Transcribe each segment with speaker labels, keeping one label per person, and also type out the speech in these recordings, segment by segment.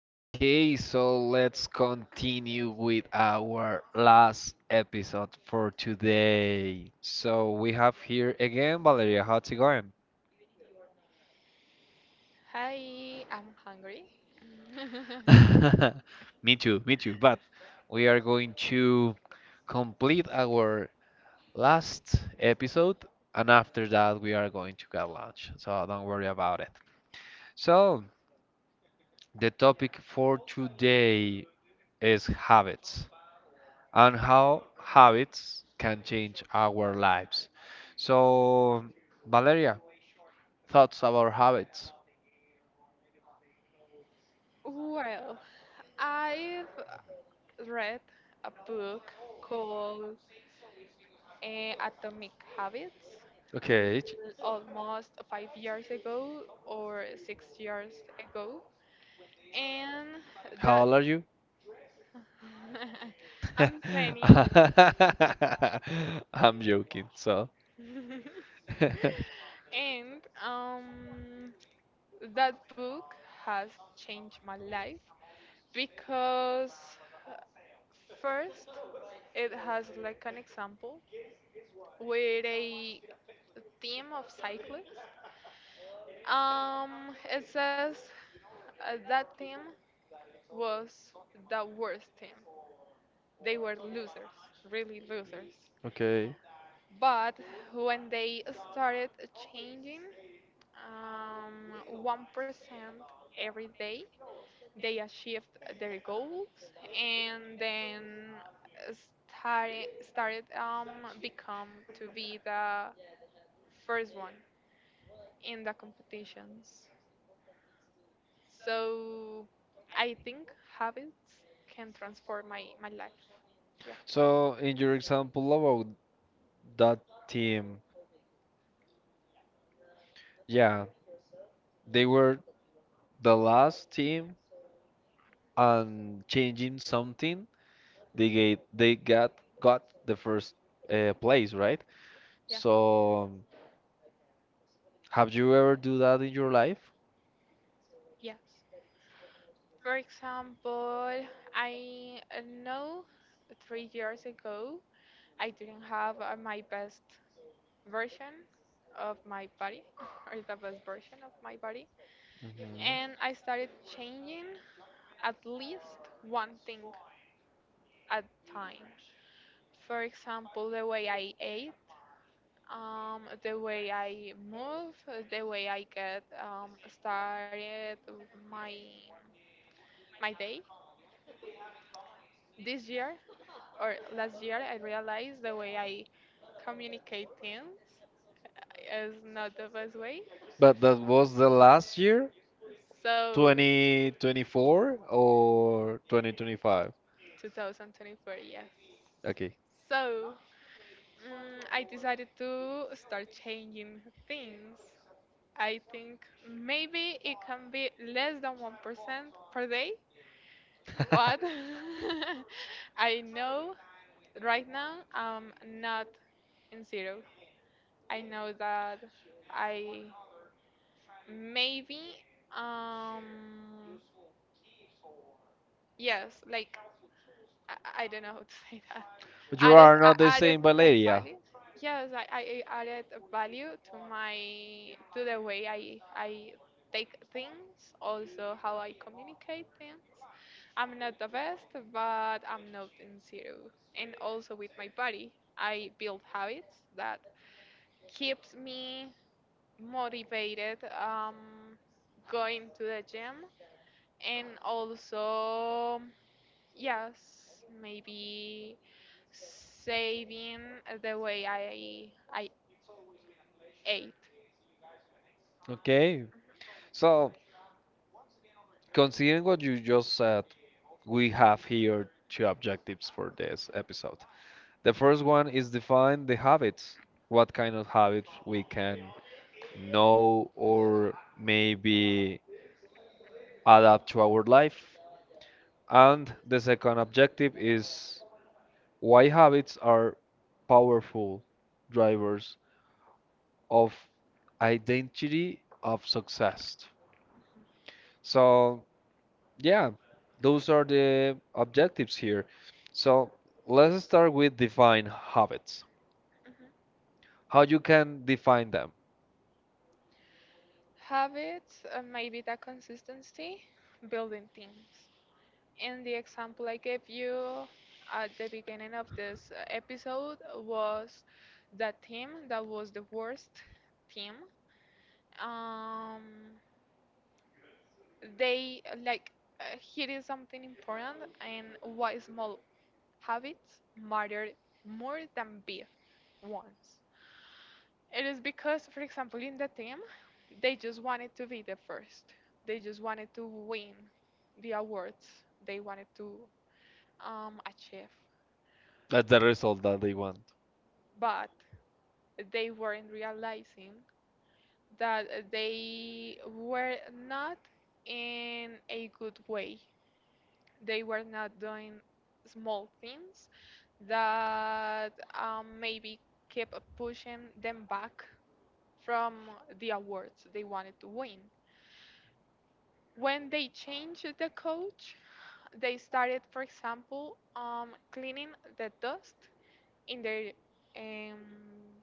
Speaker 1: Okay, so let's continue with our last episode for today. So we have here again Valeria. How's it going?
Speaker 2: Hi, I'm hungry.
Speaker 1: Me too, me too. But we are going to complete our last episode, and after that, we are going to get lunch. So don't worry about it. So the topic for today is habits, and how habits can change our lives. So, Valeria, thoughts about habits.
Speaker 2: Well, I've read a book called Atomic Habits
Speaker 1: Okay.
Speaker 2: almost 5 years ago or 6 years ago. And
Speaker 1: How
Speaker 2: that
Speaker 1: old are you?
Speaker 2: I'm 20.
Speaker 1: I'm joking. So,
Speaker 2: And that book has changed my life because, first, it has like an example with a team of cyclists. It says that team was the worst team. They were losers, really losers.
Speaker 1: okay.
Speaker 2: But when they started changing 1% every day, they achieved their goals, and then started started become to be the first one in the competitions. So I think habits can transform my life. Yeah.
Speaker 1: So in your example about that team, yeah, they were the last team and changing something, they get they
Speaker 2: Mhm.
Speaker 1: got got the first place, right?
Speaker 2: Yeah.
Speaker 1: So have you ever do that in your life?
Speaker 2: Yes. For example, I know 3 years ago I didn't have my best version of my body or the best version of my body.
Speaker 1: Mhm.
Speaker 2: And I started changing at least one thing at a time. For example, the way I ate, the way I move, the way I get, started my my day. This year or last year I realized the way I communicate things is not the best way,
Speaker 1: But that was the last year,
Speaker 2: so
Speaker 1: 2024 or 2025?
Speaker 2: 2024, yes.
Speaker 1: Okay.
Speaker 2: So, I decided to start changing things. I think maybe it can be less than 1% per day, but I know right now I'm not in zero. I know that I maybe, um, yes, like, I don't know how to say that.
Speaker 1: But you
Speaker 2: Added
Speaker 1: are not the
Speaker 2: I added
Speaker 1: same
Speaker 2: like
Speaker 1: Valeria,
Speaker 2: value. Yes, I added a value to my, to the way I take things, also how I communicate things. I'm not the best, but I'm not in zero. And also with my body, I build habits that keeps me motivated, um going to the gym, and also, yes, maybe saving the way I ate.
Speaker 1: okay?
Speaker 2: Mhm,
Speaker 1: So, considering what you just said, we have here two objectives for this episode. The first one is define the habits, what kind of habits we can know or maybe adapt to our life. And the second objective is why habits are powerful drivers of identity of success.
Speaker 2: mhm,
Speaker 1: So, yeah, those are the objectives here. So let's start with define habits.
Speaker 2: mhm.
Speaker 1: How you can define them.
Speaker 2: Habits, maybe that consistency, building things. And the example I gave you at the beginning of this episode was that team that was the worst team. Um, they like here is something important, and why small habits matter more than big ones. It is because, for example, in the team, they just wanted to be the first. They just wanted to win the awards. They wanted to achieve,
Speaker 1: That's the result that they want.
Speaker 2: but they weren't realizing that they were not in a good way. They were not doing small things that, maybe, kept pushing them back from the awards they wanted to win. When they changed the coach, they started, for example, cleaning the dust in their, um,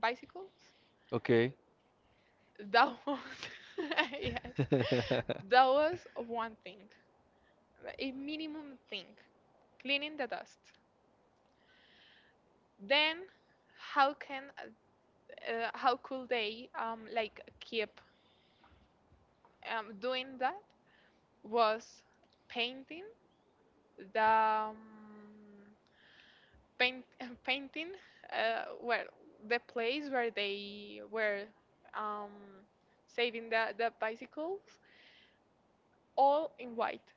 Speaker 2: bicycles.
Speaker 1: Okay.
Speaker 2: That was, yes, that was one thing, a minimum thing, cleaning the dust. Then, how can, how could they, like keep, doing that? Was painting the, paint, painting, where the place where they were, um, saving the bicycles all in white,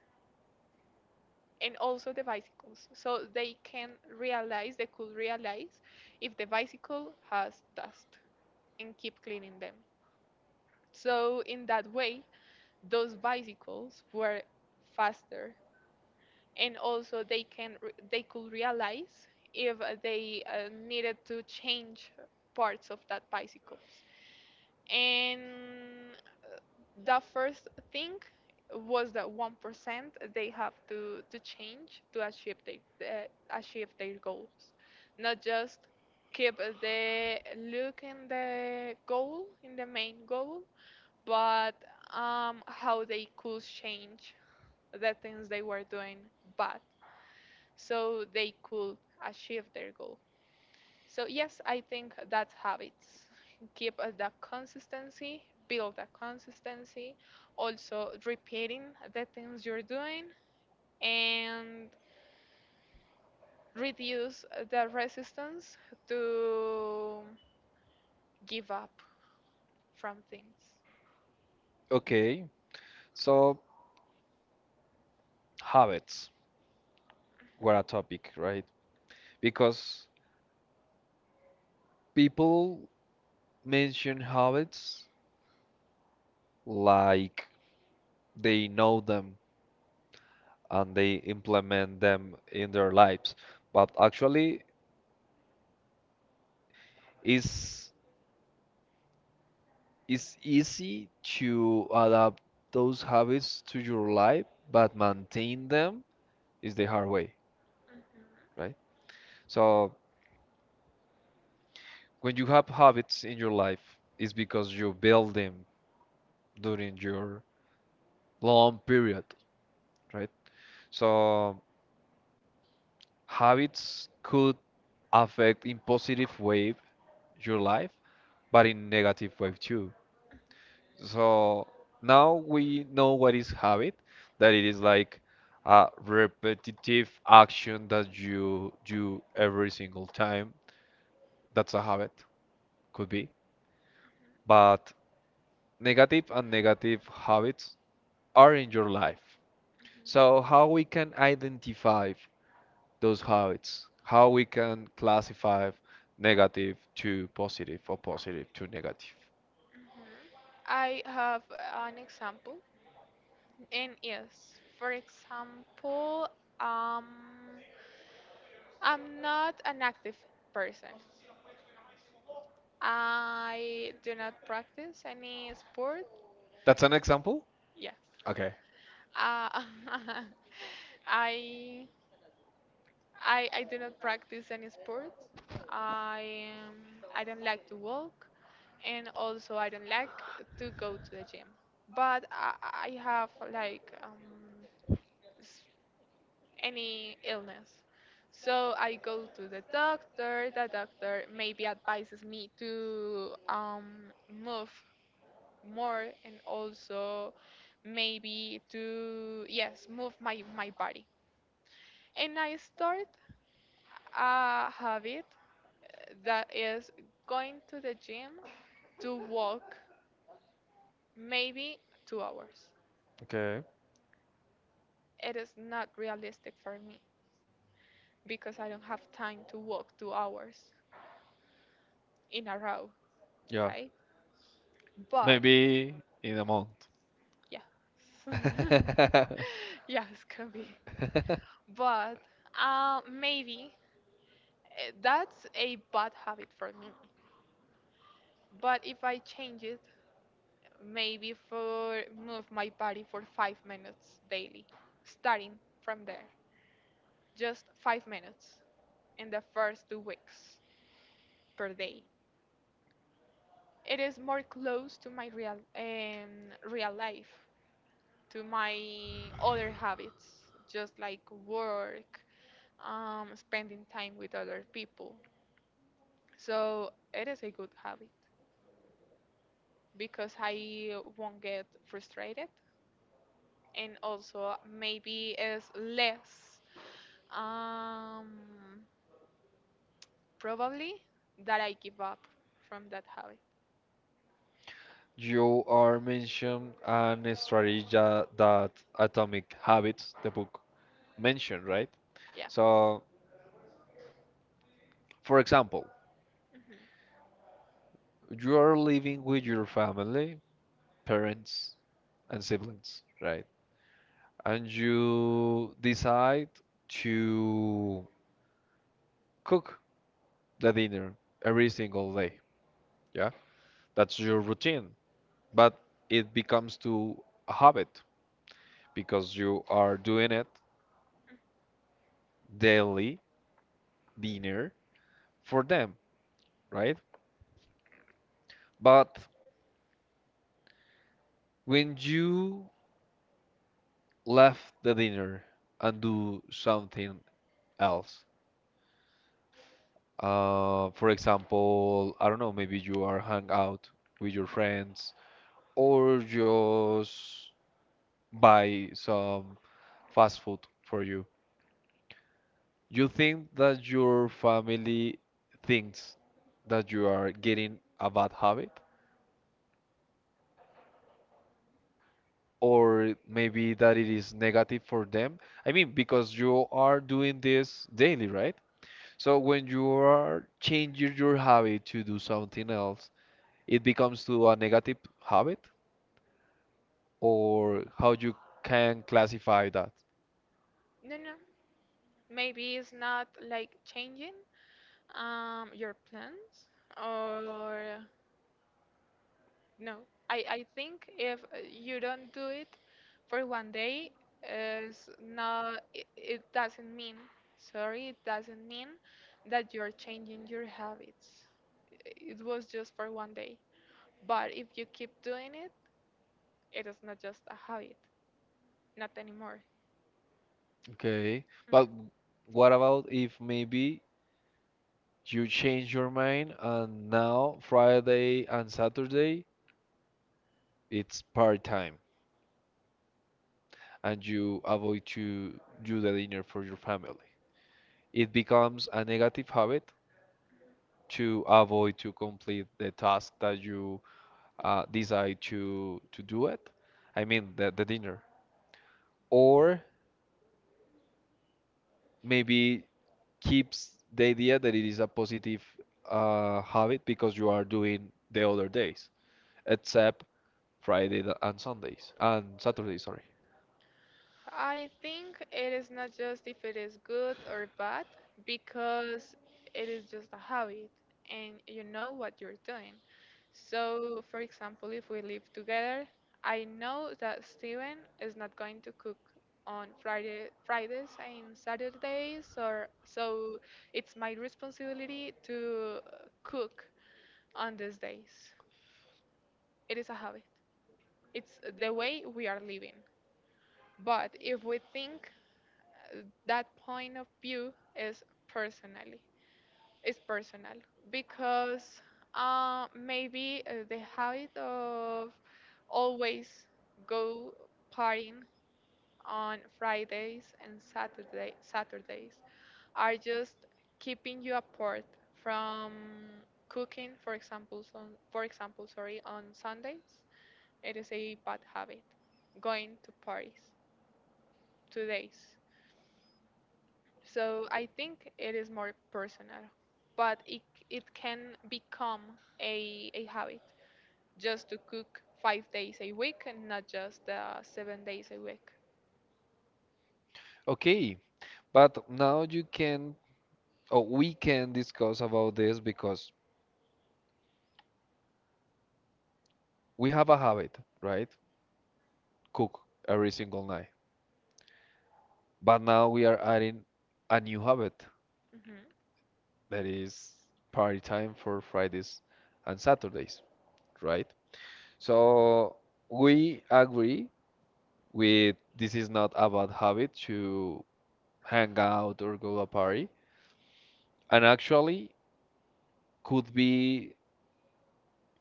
Speaker 2: and also the bicycles so they could realize if the bicycle has dust, and keep cleaning them, so in that way those bicycles were faster, and also they could realize if they, needed to change parts of that bicycles. And, uh, the first thing was the 1% they have to change to, achieve their goals. Not just keep the look in the main goal, but, how they could change the things they were doing bad, so they could achieve their goal. So, yes, I think that's habits. Keep, the consistency, build the consistency, also repeating the things you're doing, and reduce the resistance to give up from things.
Speaker 1: Okay. So habits were a topic, right? Because people mention habits like they know them and they implement them in their lives, but actually is it's easy to adapt those habits to your life, but maintain them is the hard way,
Speaker 2: Mhm, mhm,
Speaker 1: right? So when you have habits in your life, it's because you build them during your long period, right? So habits could affect in positive way your life, but in negative way too.
Speaker 2: mhm,
Speaker 1: So now we know what is habit, that it is like a repetitive action that you do every single time. That's a habit, could be. But negative and negative habits are in your life. So how
Speaker 2: mhm,
Speaker 1: we can identify those habits, how we can classify negative to positive or positive to negative.
Speaker 2: mhm. I have an example. And yes, for example, um, I'm not an active person. I do not practice any sport.
Speaker 1: That's an example?
Speaker 2: Yes.
Speaker 1: Okay.
Speaker 2: Uh, I, I do not practice any sport. I don't like to walk, and also I don't like to go to the gym. But I have like, any illness. So I go to the doctor. The doctor maybe advises me to, move more, and also maybe to, yes, move my body. And I start a habit that is going to the gym to walk maybe 2 hours.
Speaker 1: Okay.
Speaker 2: It is not realistic for me because I don't have time to walk 2 hours in a row,
Speaker 1: Yeah.
Speaker 2: right? But.
Speaker 1: Maybe in a month.
Speaker 2: Yeah. Yes, could be. But, maybe, that's a bad habit for me. But if I change it, maybe for move my body for 5 minutes daily, starting from there, just 5 minutes in the first 2 weeks per day. It is more close to my real life, to my other habits, just like work, spending time with other people. So it is a good habit because I won't get frustrated, and also maybe it's less, um, probably that I give up from that habit.
Speaker 1: You are mentioned an strategy that Atomic Habits, the book, mentioned, right?
Speaker 2: Yeah.
Speaker 1: So, for example,
Speaker 2: Hmm.
Speaker 1: you are living with your family, parents, and siblings, right? And you decide to cook the dinner every single day. Yeah, that's your routine, but it becomes to a habit because you are doing it daily dinner for them, right? But when you left the dinner and do something else, for example, I don't know, maybe you are hang out with your friends or just buy some fast food for you. You think that your family thinks that you are getting a bad habit? Or maybe that it is negative for them. I mean, because you are doing this daily, right? So when you are changing your habit to do something else, it becomes to a negative habit, or how you can classify that.
Speaker 2: No, no. Maybe it's not like changing, your plans, or No, I think if, you don't do it for 1 day, is not it, it doesn't mean, sorry, it doesn't mean that you're changing your habits. It was just for 1 day. But if you keep doing it, it is not just a habit, not anymore.
Speaker 1: Okay,
Speaker 2: Mhm.
Speaker 1: but what about if maybe you change your mind and now Friday and Saturday it's part time and you avoid to do the dinner for your family? It becomes a negative habit to avoid to complete the task that you decide to do it. I mean the dinner. Or maybe keeps the idea that it is a positive habit because you are doing the other days, except Friday and Sundays and Saturday, sorry.
Speaker 2: I think it is not just if it is good or bad, because it is just a habit and you know what you're doing. So, for example, if we live together, I know that Steven is not going to cook on Fridays and Saturdays, or so it's my responsibility to, cook on these days. It is a habit. It's the way we are living. But if we think that point of view is personally is personal, because, maybe, the habit of always go partying on Fridays and Saturdays are just keeping you apart from cooking, for example, sorry, on Sundays it is a bad habit going to parties 2 days. So I think it is more personal, but it can become a habit, just to cook 5 days a week and not just the 7 days a week.
Speaker 1: Okay, but now you can or we can discuss about this because we have a habit, right? Cook every single night. But now we are adding a new habit
Speaker 2: Hmm.
Speaker 1: that is party time for Fridays and Saturdays, right? So we agree with this is not a bad habit to hang out or go a party. And actually could be,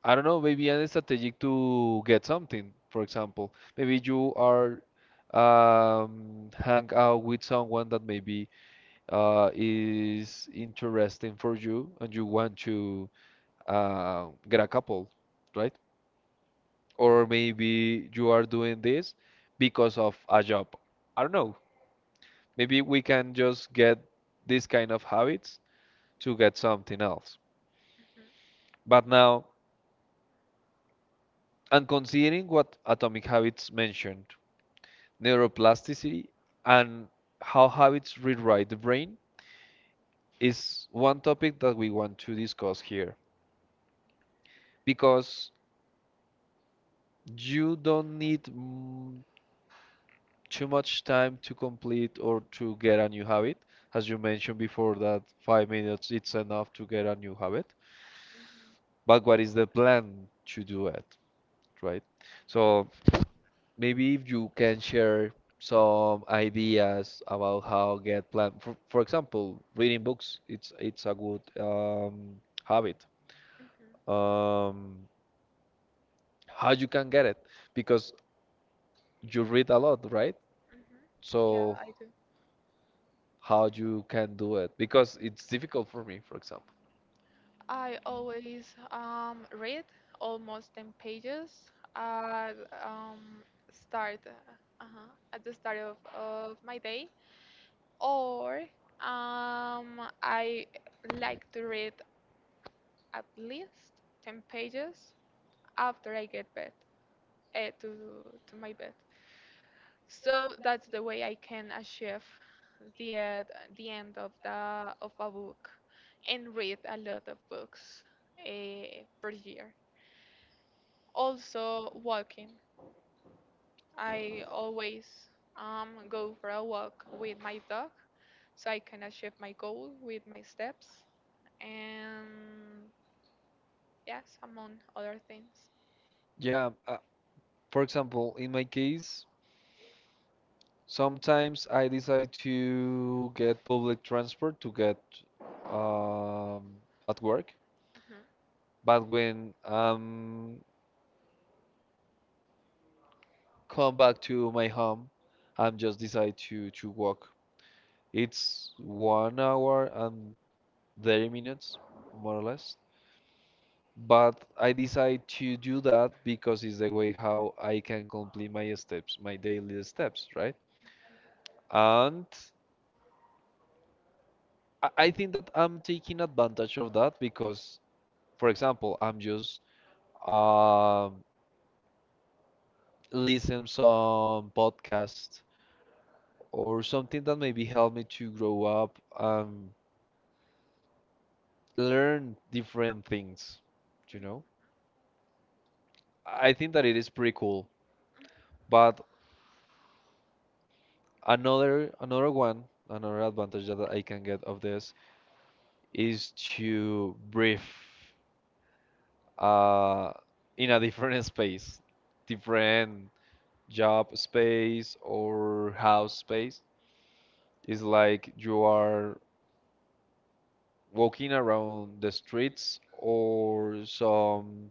Speaker 1: I don't know, maybe an strategic to get something. For example, maybe you are hang out with someone that maybe is interesting for you and you want to get a couple, right? Or maybe you are doing this because of a job. I don't know. Maybe we can just get this kind of habits to get something else.
Speaker 2: Hmm.
Speaker 1: But now, and considering what Atomic Habits mentioned, neuroplasticity and how habits rewrite the brain is one topic that we want to discuss here because you don't need too much time to complete or to get a new habit. As you mentioned before, that 5 minutes it's enough to get a new habit. But what is the plan to do it, right? So maybe if you can share some ideas about how get plan. For example, reading books, it's a good habit.
Speaker 2: Hmm. Hmm.
Speaker 1: Um, how you can get it because you read a lot, right?
Speaker 2: Hmm. Yeah,
Speaker 1: So
Speaker 2: I do.
Speaker 1: how you can do it because it's difficult for me, for example.
Speaker 2: I always, read almost 10 pages at, um, start, uh-huh, at the start of my day, or, I like to read at least 10 pages after I get bed, to my bed. So that's the way I can achieve the uh, the end of a book and read a lot of books, per year. Also walking. I always go for a walk with my dog so I can achieve my goal with my steps, and yes, among other things.
Speaker 1: Yeah, for example, in my case, sometimes I decide to get public transport to get um, at work, but when come back to my home, I'm just decide to walk. It's 1 hour and 30 minutes, more or less. But I decide to do that because it's the way how I can complete my steps, my daily steps, right? And I think that I'm taking advantage of that because, for example, I'm just um, listening some podcast or something that maybe help me to grow up and learn different things. You know, I think that it is pretty cool.
Speaker 2: Mhm.
Speaker 1: But another another one, another advantage that I can get of this is to breathe uh, in a different space, different job space or house space. It's like you are walking around the streets or some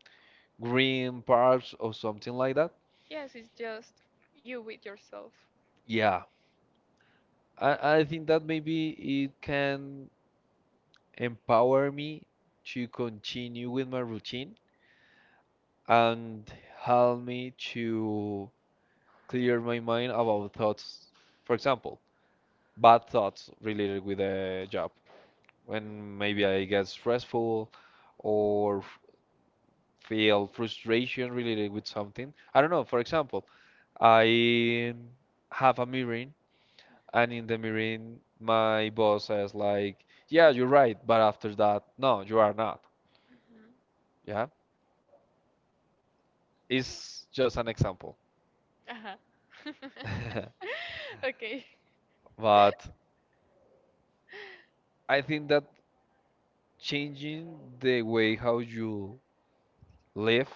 Speaker 1: green parks or something like that.
Speaker 2: Yes, it's just you with yourself.
Speaker 1: Yeah, I think that maybe it can empower me to continue with my routine and help me to clear my mind about thoughts, for example, bad thoughts related with a job, when maybe I get stressful or feel frustration related with something. I don't know, for example, I have a meeting and in the meeting my boss says like, "Yeah, you're right, but after that, no, you are not."
Speaker 2: Mm-hmm.
Speaker 1: Yeah. It's just an example.
Speaker 2: uh okay.
Speaker 1: But I think that changing the way how you live,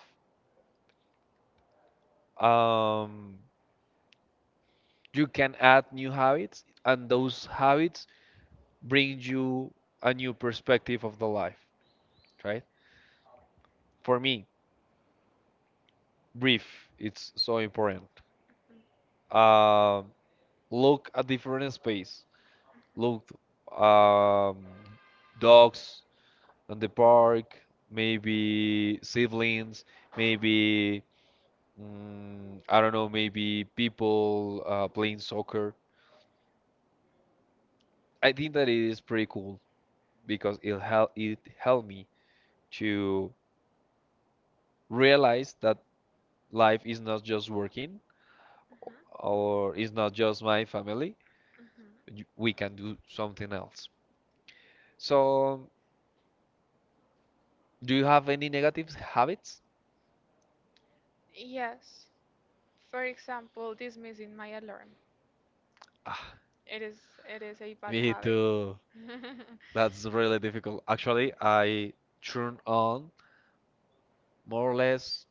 Speaker 1: um, you can add new habits, and those habits brings you a new perspective of the life, right? For me, brief, it's so important.
Speaker 2: Mhm,
Speaker 1: Um look at different space. Look, um, dogs on the park, maybe siblings, maybe I don't know, maybe people playing soccer. I think that it is pretty cool because it helped me to realize that life is not just working,
Speaker 2: mhm,
Speaker 1: or it's not just my family,
Speaker 2: mhm.
Speaker 1: we can do something else. So, do you have any negative habits?
Speaker 2: Yes. For example, this missing my alarm.
Speaker 1: Ah,
Speaker 2: It is it is a bad
Speaker 1: me
Speaker 2: habit.
Speaker 1: too. That's really difficult. Actually, I turn on more or less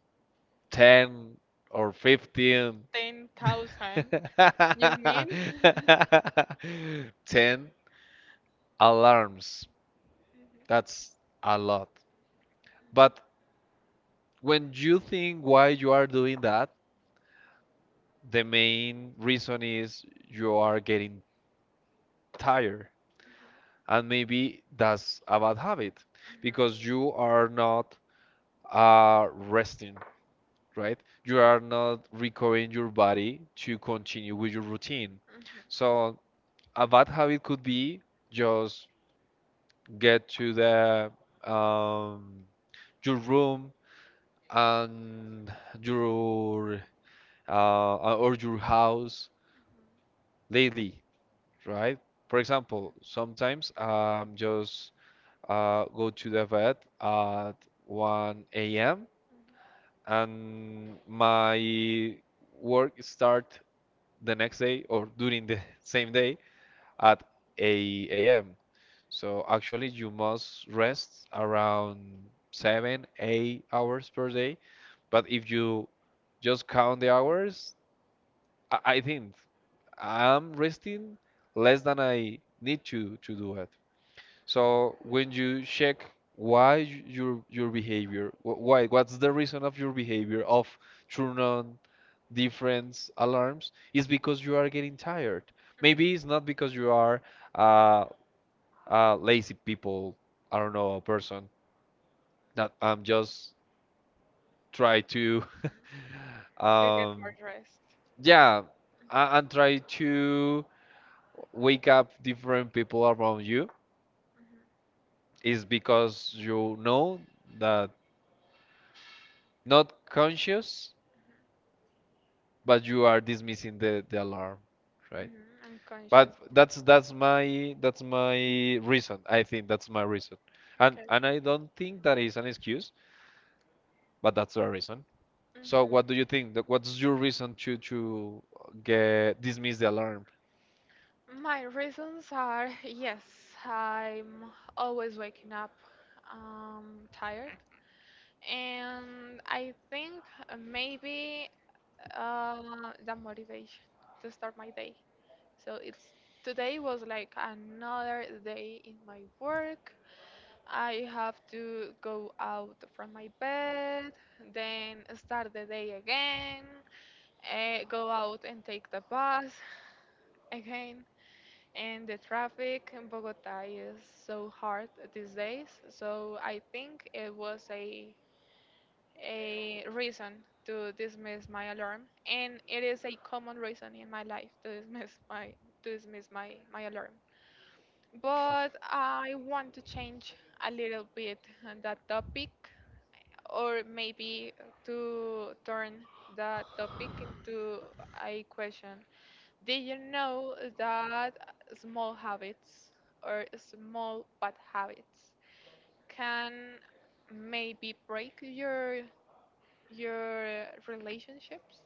Speaker 1: 10 or 15.
Speaker 2: Ten thousand. You mean?
Speaker 1: 10 alarms. That's a lot. But when you think why you are doing that, the main reason is you are getting tired and maybe that's a bad habit
Speaker 2: Mhm, mhm,
Speaker 1: because you are not resting, right? You are not recovering your body to continue with your routine, so a bad habit could be just get to the um, your room and your or your house lately, right? For example, sometimes just go to the vet at 1 a.m.
Speaker 2: mhm,
Speaker 1: and my work start the next day or during the same day at 8 a.m. So actually you must rest around 7, 8 hours per day. But if you just count the hours, I think I'm resting less than I need to do it. So when you check your behavior, wh- why what's the reason of your behavior of turn on different alarms is because you are getting tired.
Speaker 2: mhm, mhm,
Speaker 1: Maybe it's not because
Speaker 2: mhm.
Speaker 1: you are uh, lazy people. I don't know a person that I'm just try to
Speaker 2: Mhm. To get
Speaker 1: um
Speaker 2: more rest.
Speaker 1: yeah and try
Speaker 2: Mhm,
Speaker 1: to wake up different people around you
Speaker 2: mhm,
Speaker 1: is because you know that not conscious,
Speaker 2: mhm,
Speaker 1: but you are dismissing the alarm, right?
Speaker 2: mhm. Okay.
Speaker 1: But that's my reason. I think that's my reason, and I don't think that is an excuse, but that's a reason. So
Speaker 2: Mhm.
Speaker 1: what do you think? What's your reason to get dismiss the alarm?
Speaker 2: My reasons are, yes, I'm always waking up, tired, and I think, maybe, uh, the motivation to start my day. So it's today was like another day in my work. I have to go out from my bed, then start the day again, go out and take the bus again. And the traffic in Bogota is so hard these days, so I think it was a reason to dismiss my alarm, and it is a common reason in my life to dismiss my to dismiss my alarm. But I want to change a little bit that topic, or maybe to turn that topic into a question. Did you know that small habits or small bad habits can maybe break your relationships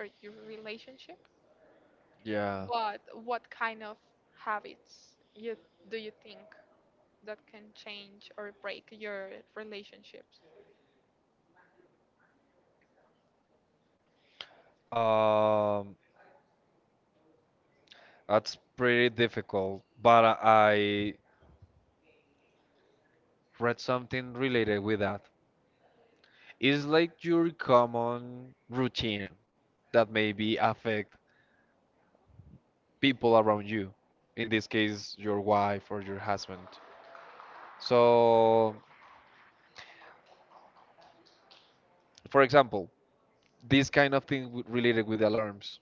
Speaker 2: or your relationship?
Speaker 1: Yeah,
Speaker 2: But what kind of habits you do you think that can change or break your relationships?
Speaker 1: um, that's pretty difficult. But I read something related with that. It's like your common routine that maybe affect people around you, in this case, your wife or your husband. So, for example, this kind of thing related with alarms.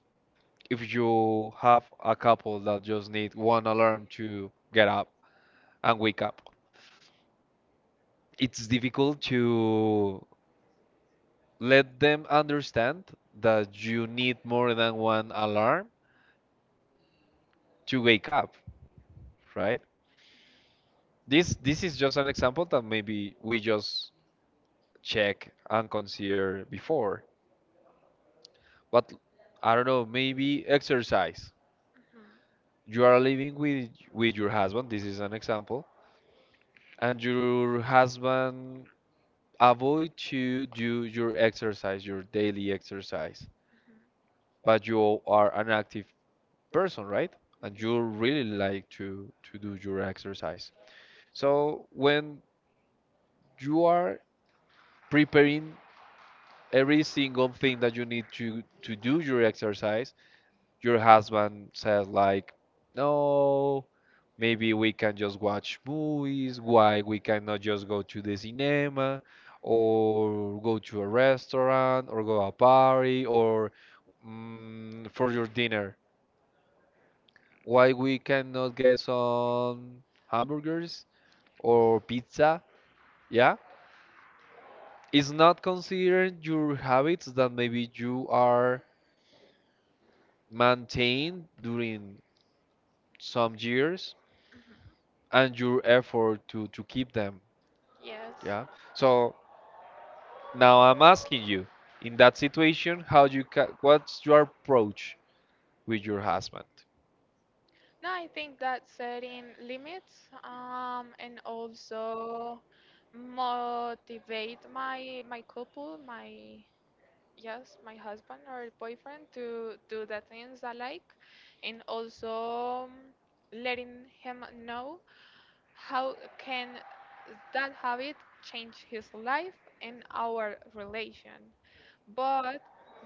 Speaker 1: If you have a couple that just need one alarm to get up and wake up, it's difficult to let them understand that you need more than one alarm to wake up, right? This is just an example that maybe we just check and consider before. But I don't know, maybe exercise.
Speaker 2: Mhm,
Speaker 1: You are living with your husband, this is an example, and your husband avoid to do your exercise, your daily exercise.
Speaker 2: mhm,
Speaker 1: But you are an active person, right? And you
Speaker 2: mhm.
Speaker 1: really like to do your exercise. So when you are preparing every single thing that you need to do your exercise, your husband says like, "No, maybe we can just watch movies, why we cannot just go to the cinema or go to a restaurant or go a party or for your dinner. Why we cannot get some hamburgers or pizza?" Yeah, it's not considering your habits that maybe you are maintained during some years
Speaker 2: Mm-hmm.
Speaker 1: and your effort to keep them.
Speaker 2: Yes.
Speaker 1: Yeah, so. Now I'm asking you, in that situation, how you ca what's your approach with your husband?
Speaker 2: No, I think that setting limits, and also motivate my couple, my, yes, my husband or boyfriend, to do the things I like, and also, letting him know how can that habit change his life and our relation. But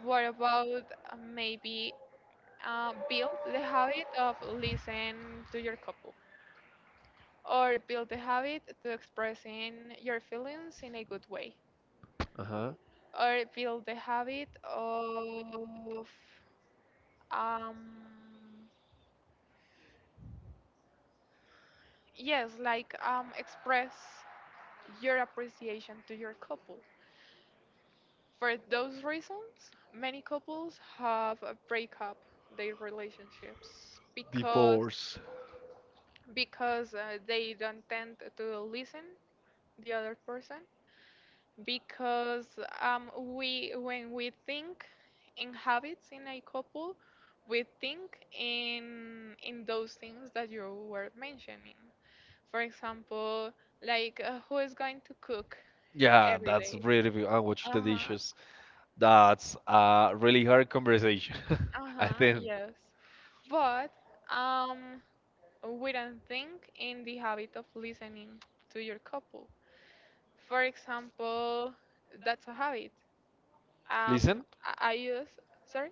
Speaker 2: what about, maybe, build the habit of listen to your couple, or build the habit to expressing your feelings in a good way,
Speaker 1: Uh-huh.
Speaker 2: or build the habit of, um, yes, like, express your appreciation to your couple? For those reasons many couples have a break up their relationships, because
Speaker 1: Divorce.
Speaker 2: they don't tend to listen the other person, because, we when we think in habits in a couple, we think in those things that you were mentioning. For example, like, who is going to cook
Speaker 1: Yeah,
Speaker 2: every
Speaker 1: that's
Speaker 2: day.
Speaker 1: really I watch the
Speaker 2: Uh-huh.
Speaker 1: dishes. That's a really hard conversation. I
Speaker 2: Uh-huh.
Speaker 1: think.
Speaker 2: Yes, but um we don't think in the habit of listening to your couple, for example. That's a habit. um
Speaker 1: Listen,
Speaker 2: I use Sorry.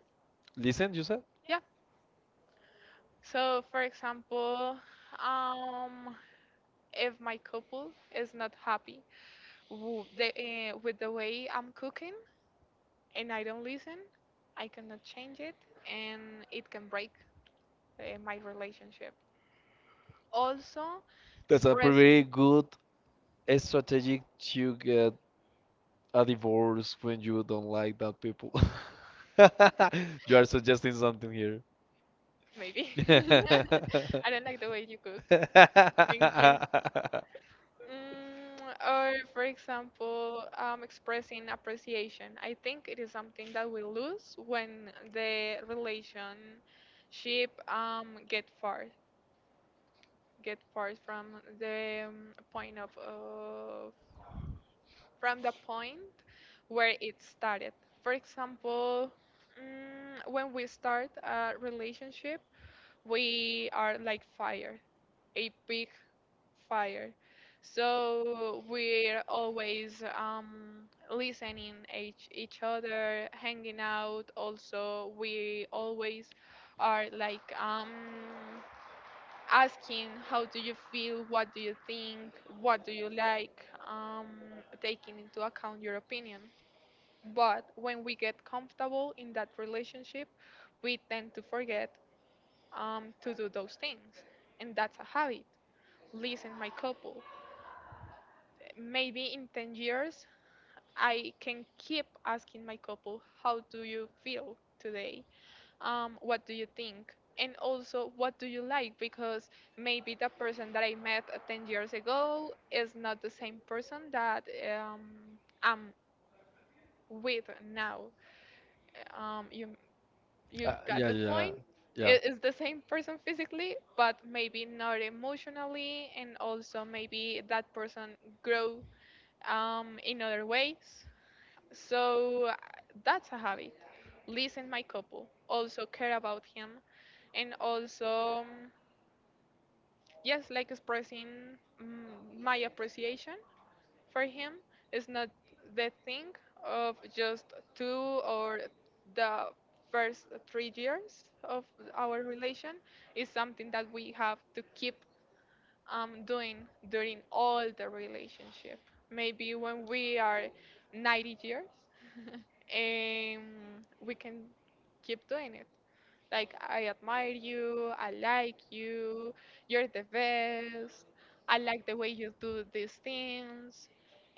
Speaker 1: listen, you said?
Speaker 2: Yeah. So, for example, um, if my couple is not happy wo- the, with the way I'm cooking, and I don't listen, I cannot change it, and it can break, my relationship. Also,
Speaker 1: That's a pretty
Speaker 2: expressing,
Speaker 1: good strategy to get a divorce when you don't like that people. You are suggesting something here.
Speaker 2: maybe. I don't like the way you cook. Thank you. Mm, or, for example, expressing appreciation. I think it is something that we lose when the relationship, get far from the, point of from the point where it started. For example, when we start a relationship, we are like fire, a big fire. So we're always, listening each other, hanging out. Also, we always are like, asking, how do you feel? What do you think? What do you like? Taking into account your opinion. But when we get comfortable in that relationship, we tend to forget, to do those things, and that's a habit. Listen, my couple, maybe in 10 years I can keep asking my couple, how do you feel today? What do you think? And also, what do you like? Because maybe the person that I met, 10 years ago is not the same person that, I'm with now. Um, you, you got
Speaker 1: Yeah,
Speaker 2: the
Speaker 1: yeah, yeah.
Speaker 2: point?
Speaker 1: Yeah.
Speaker 2: It is the same person physically, but maybe not emotionally, and also maybe that person grow, in other ways. So, that's a habit. Listen my couple. Also care about him. And also, yes, like expressing, mm, my appreciation for him is not the thing of just two or the first 3 years of our relation. Is something that we have to keep, doing during all the relationship. Maybe when we are 90 years and we can keep doing it. Like, I admire you, I like you, you're the best, I like the way you do these things,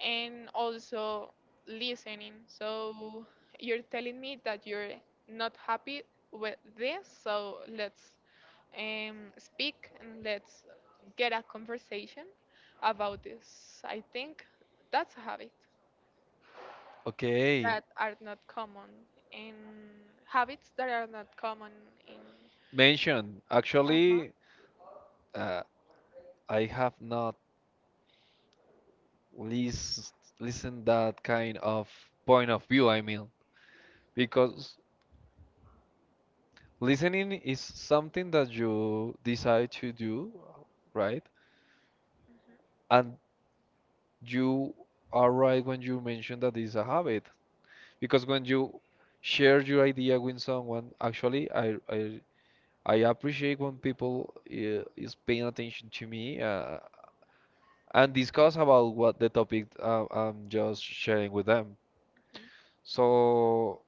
Speaker 2: and also listening. So, you're telling me that you're not happy with this, so let's, speak, and let's get a conversation about this. I think that's a habit
Speaker 1: Okay.
Speaker 2: that are not common in habits that are not common in
Speaker 1: Mention.
Speaker 2: uh-huh.
Speaker 1: Actually, uh, I have not listened that kind of point of view, I mean, because listening is something that you decide to do, right?
Speaker 2: Mhm,
Speaker 1: And you are right when you mention that it's a habit because when you share your idea with someone, actually I appreciate when people is paying attention to me, and discuss about what the topic I'm just sharing with them. So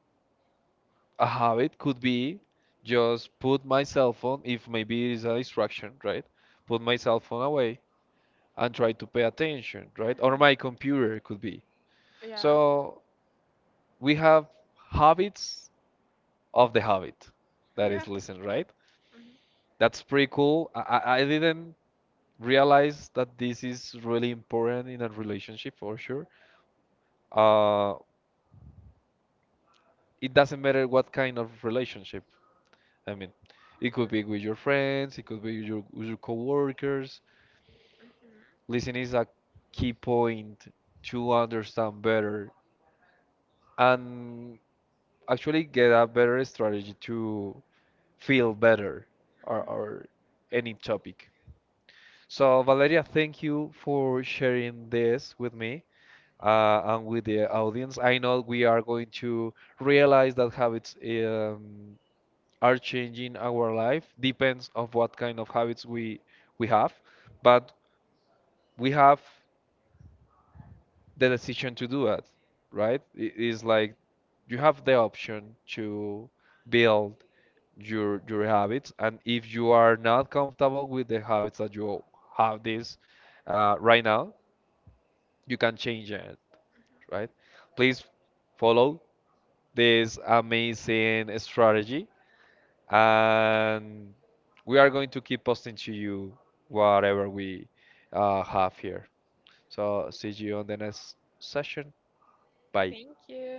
Speaker 1: a habit could be just put my cell phone if maybe it is a distraction, right? Put my cell phone away and try to pay attention,
Speaker 2: mhm,
Speaker 1: right? Or
Speaker 2: mhm.
Speaker 1: my computer could be.
Speaker 2: Yeah,
Speaker 1: So we have habits of the habit that
Speaker 2: yeah.
Speaker 1: is listen, right?
Speaker 2: Mhm, mhm,
Speaker 1: That's pretty cool. I didn't realize that this is really important in a relationship for sure. uh, it doesn't matter what kind of relationship, I mean, it could be with your friends, it could be with your coworkers.
Speaker 2: mhm, mhm,
Speaker 1: Listen is a key point to understand better and actually get a better strategy to feel better or any topic. So, Valeria, thank you for sharing this with me and with the audience. I know we are going to realize that habits are changing our life. Depends of what kind of habits we have, but we have the decision to do it, right? It is like you have the option to build your habits, and if you are not comfortable with the habits that you have this right now, you can change it,
Speaker 2: mhm.
Speaker 1: right? Please follow this amazing strategy and we are going to keep posting to you whatever we have here. So see you on the next session. Bye.
Speaker 2: Thank you.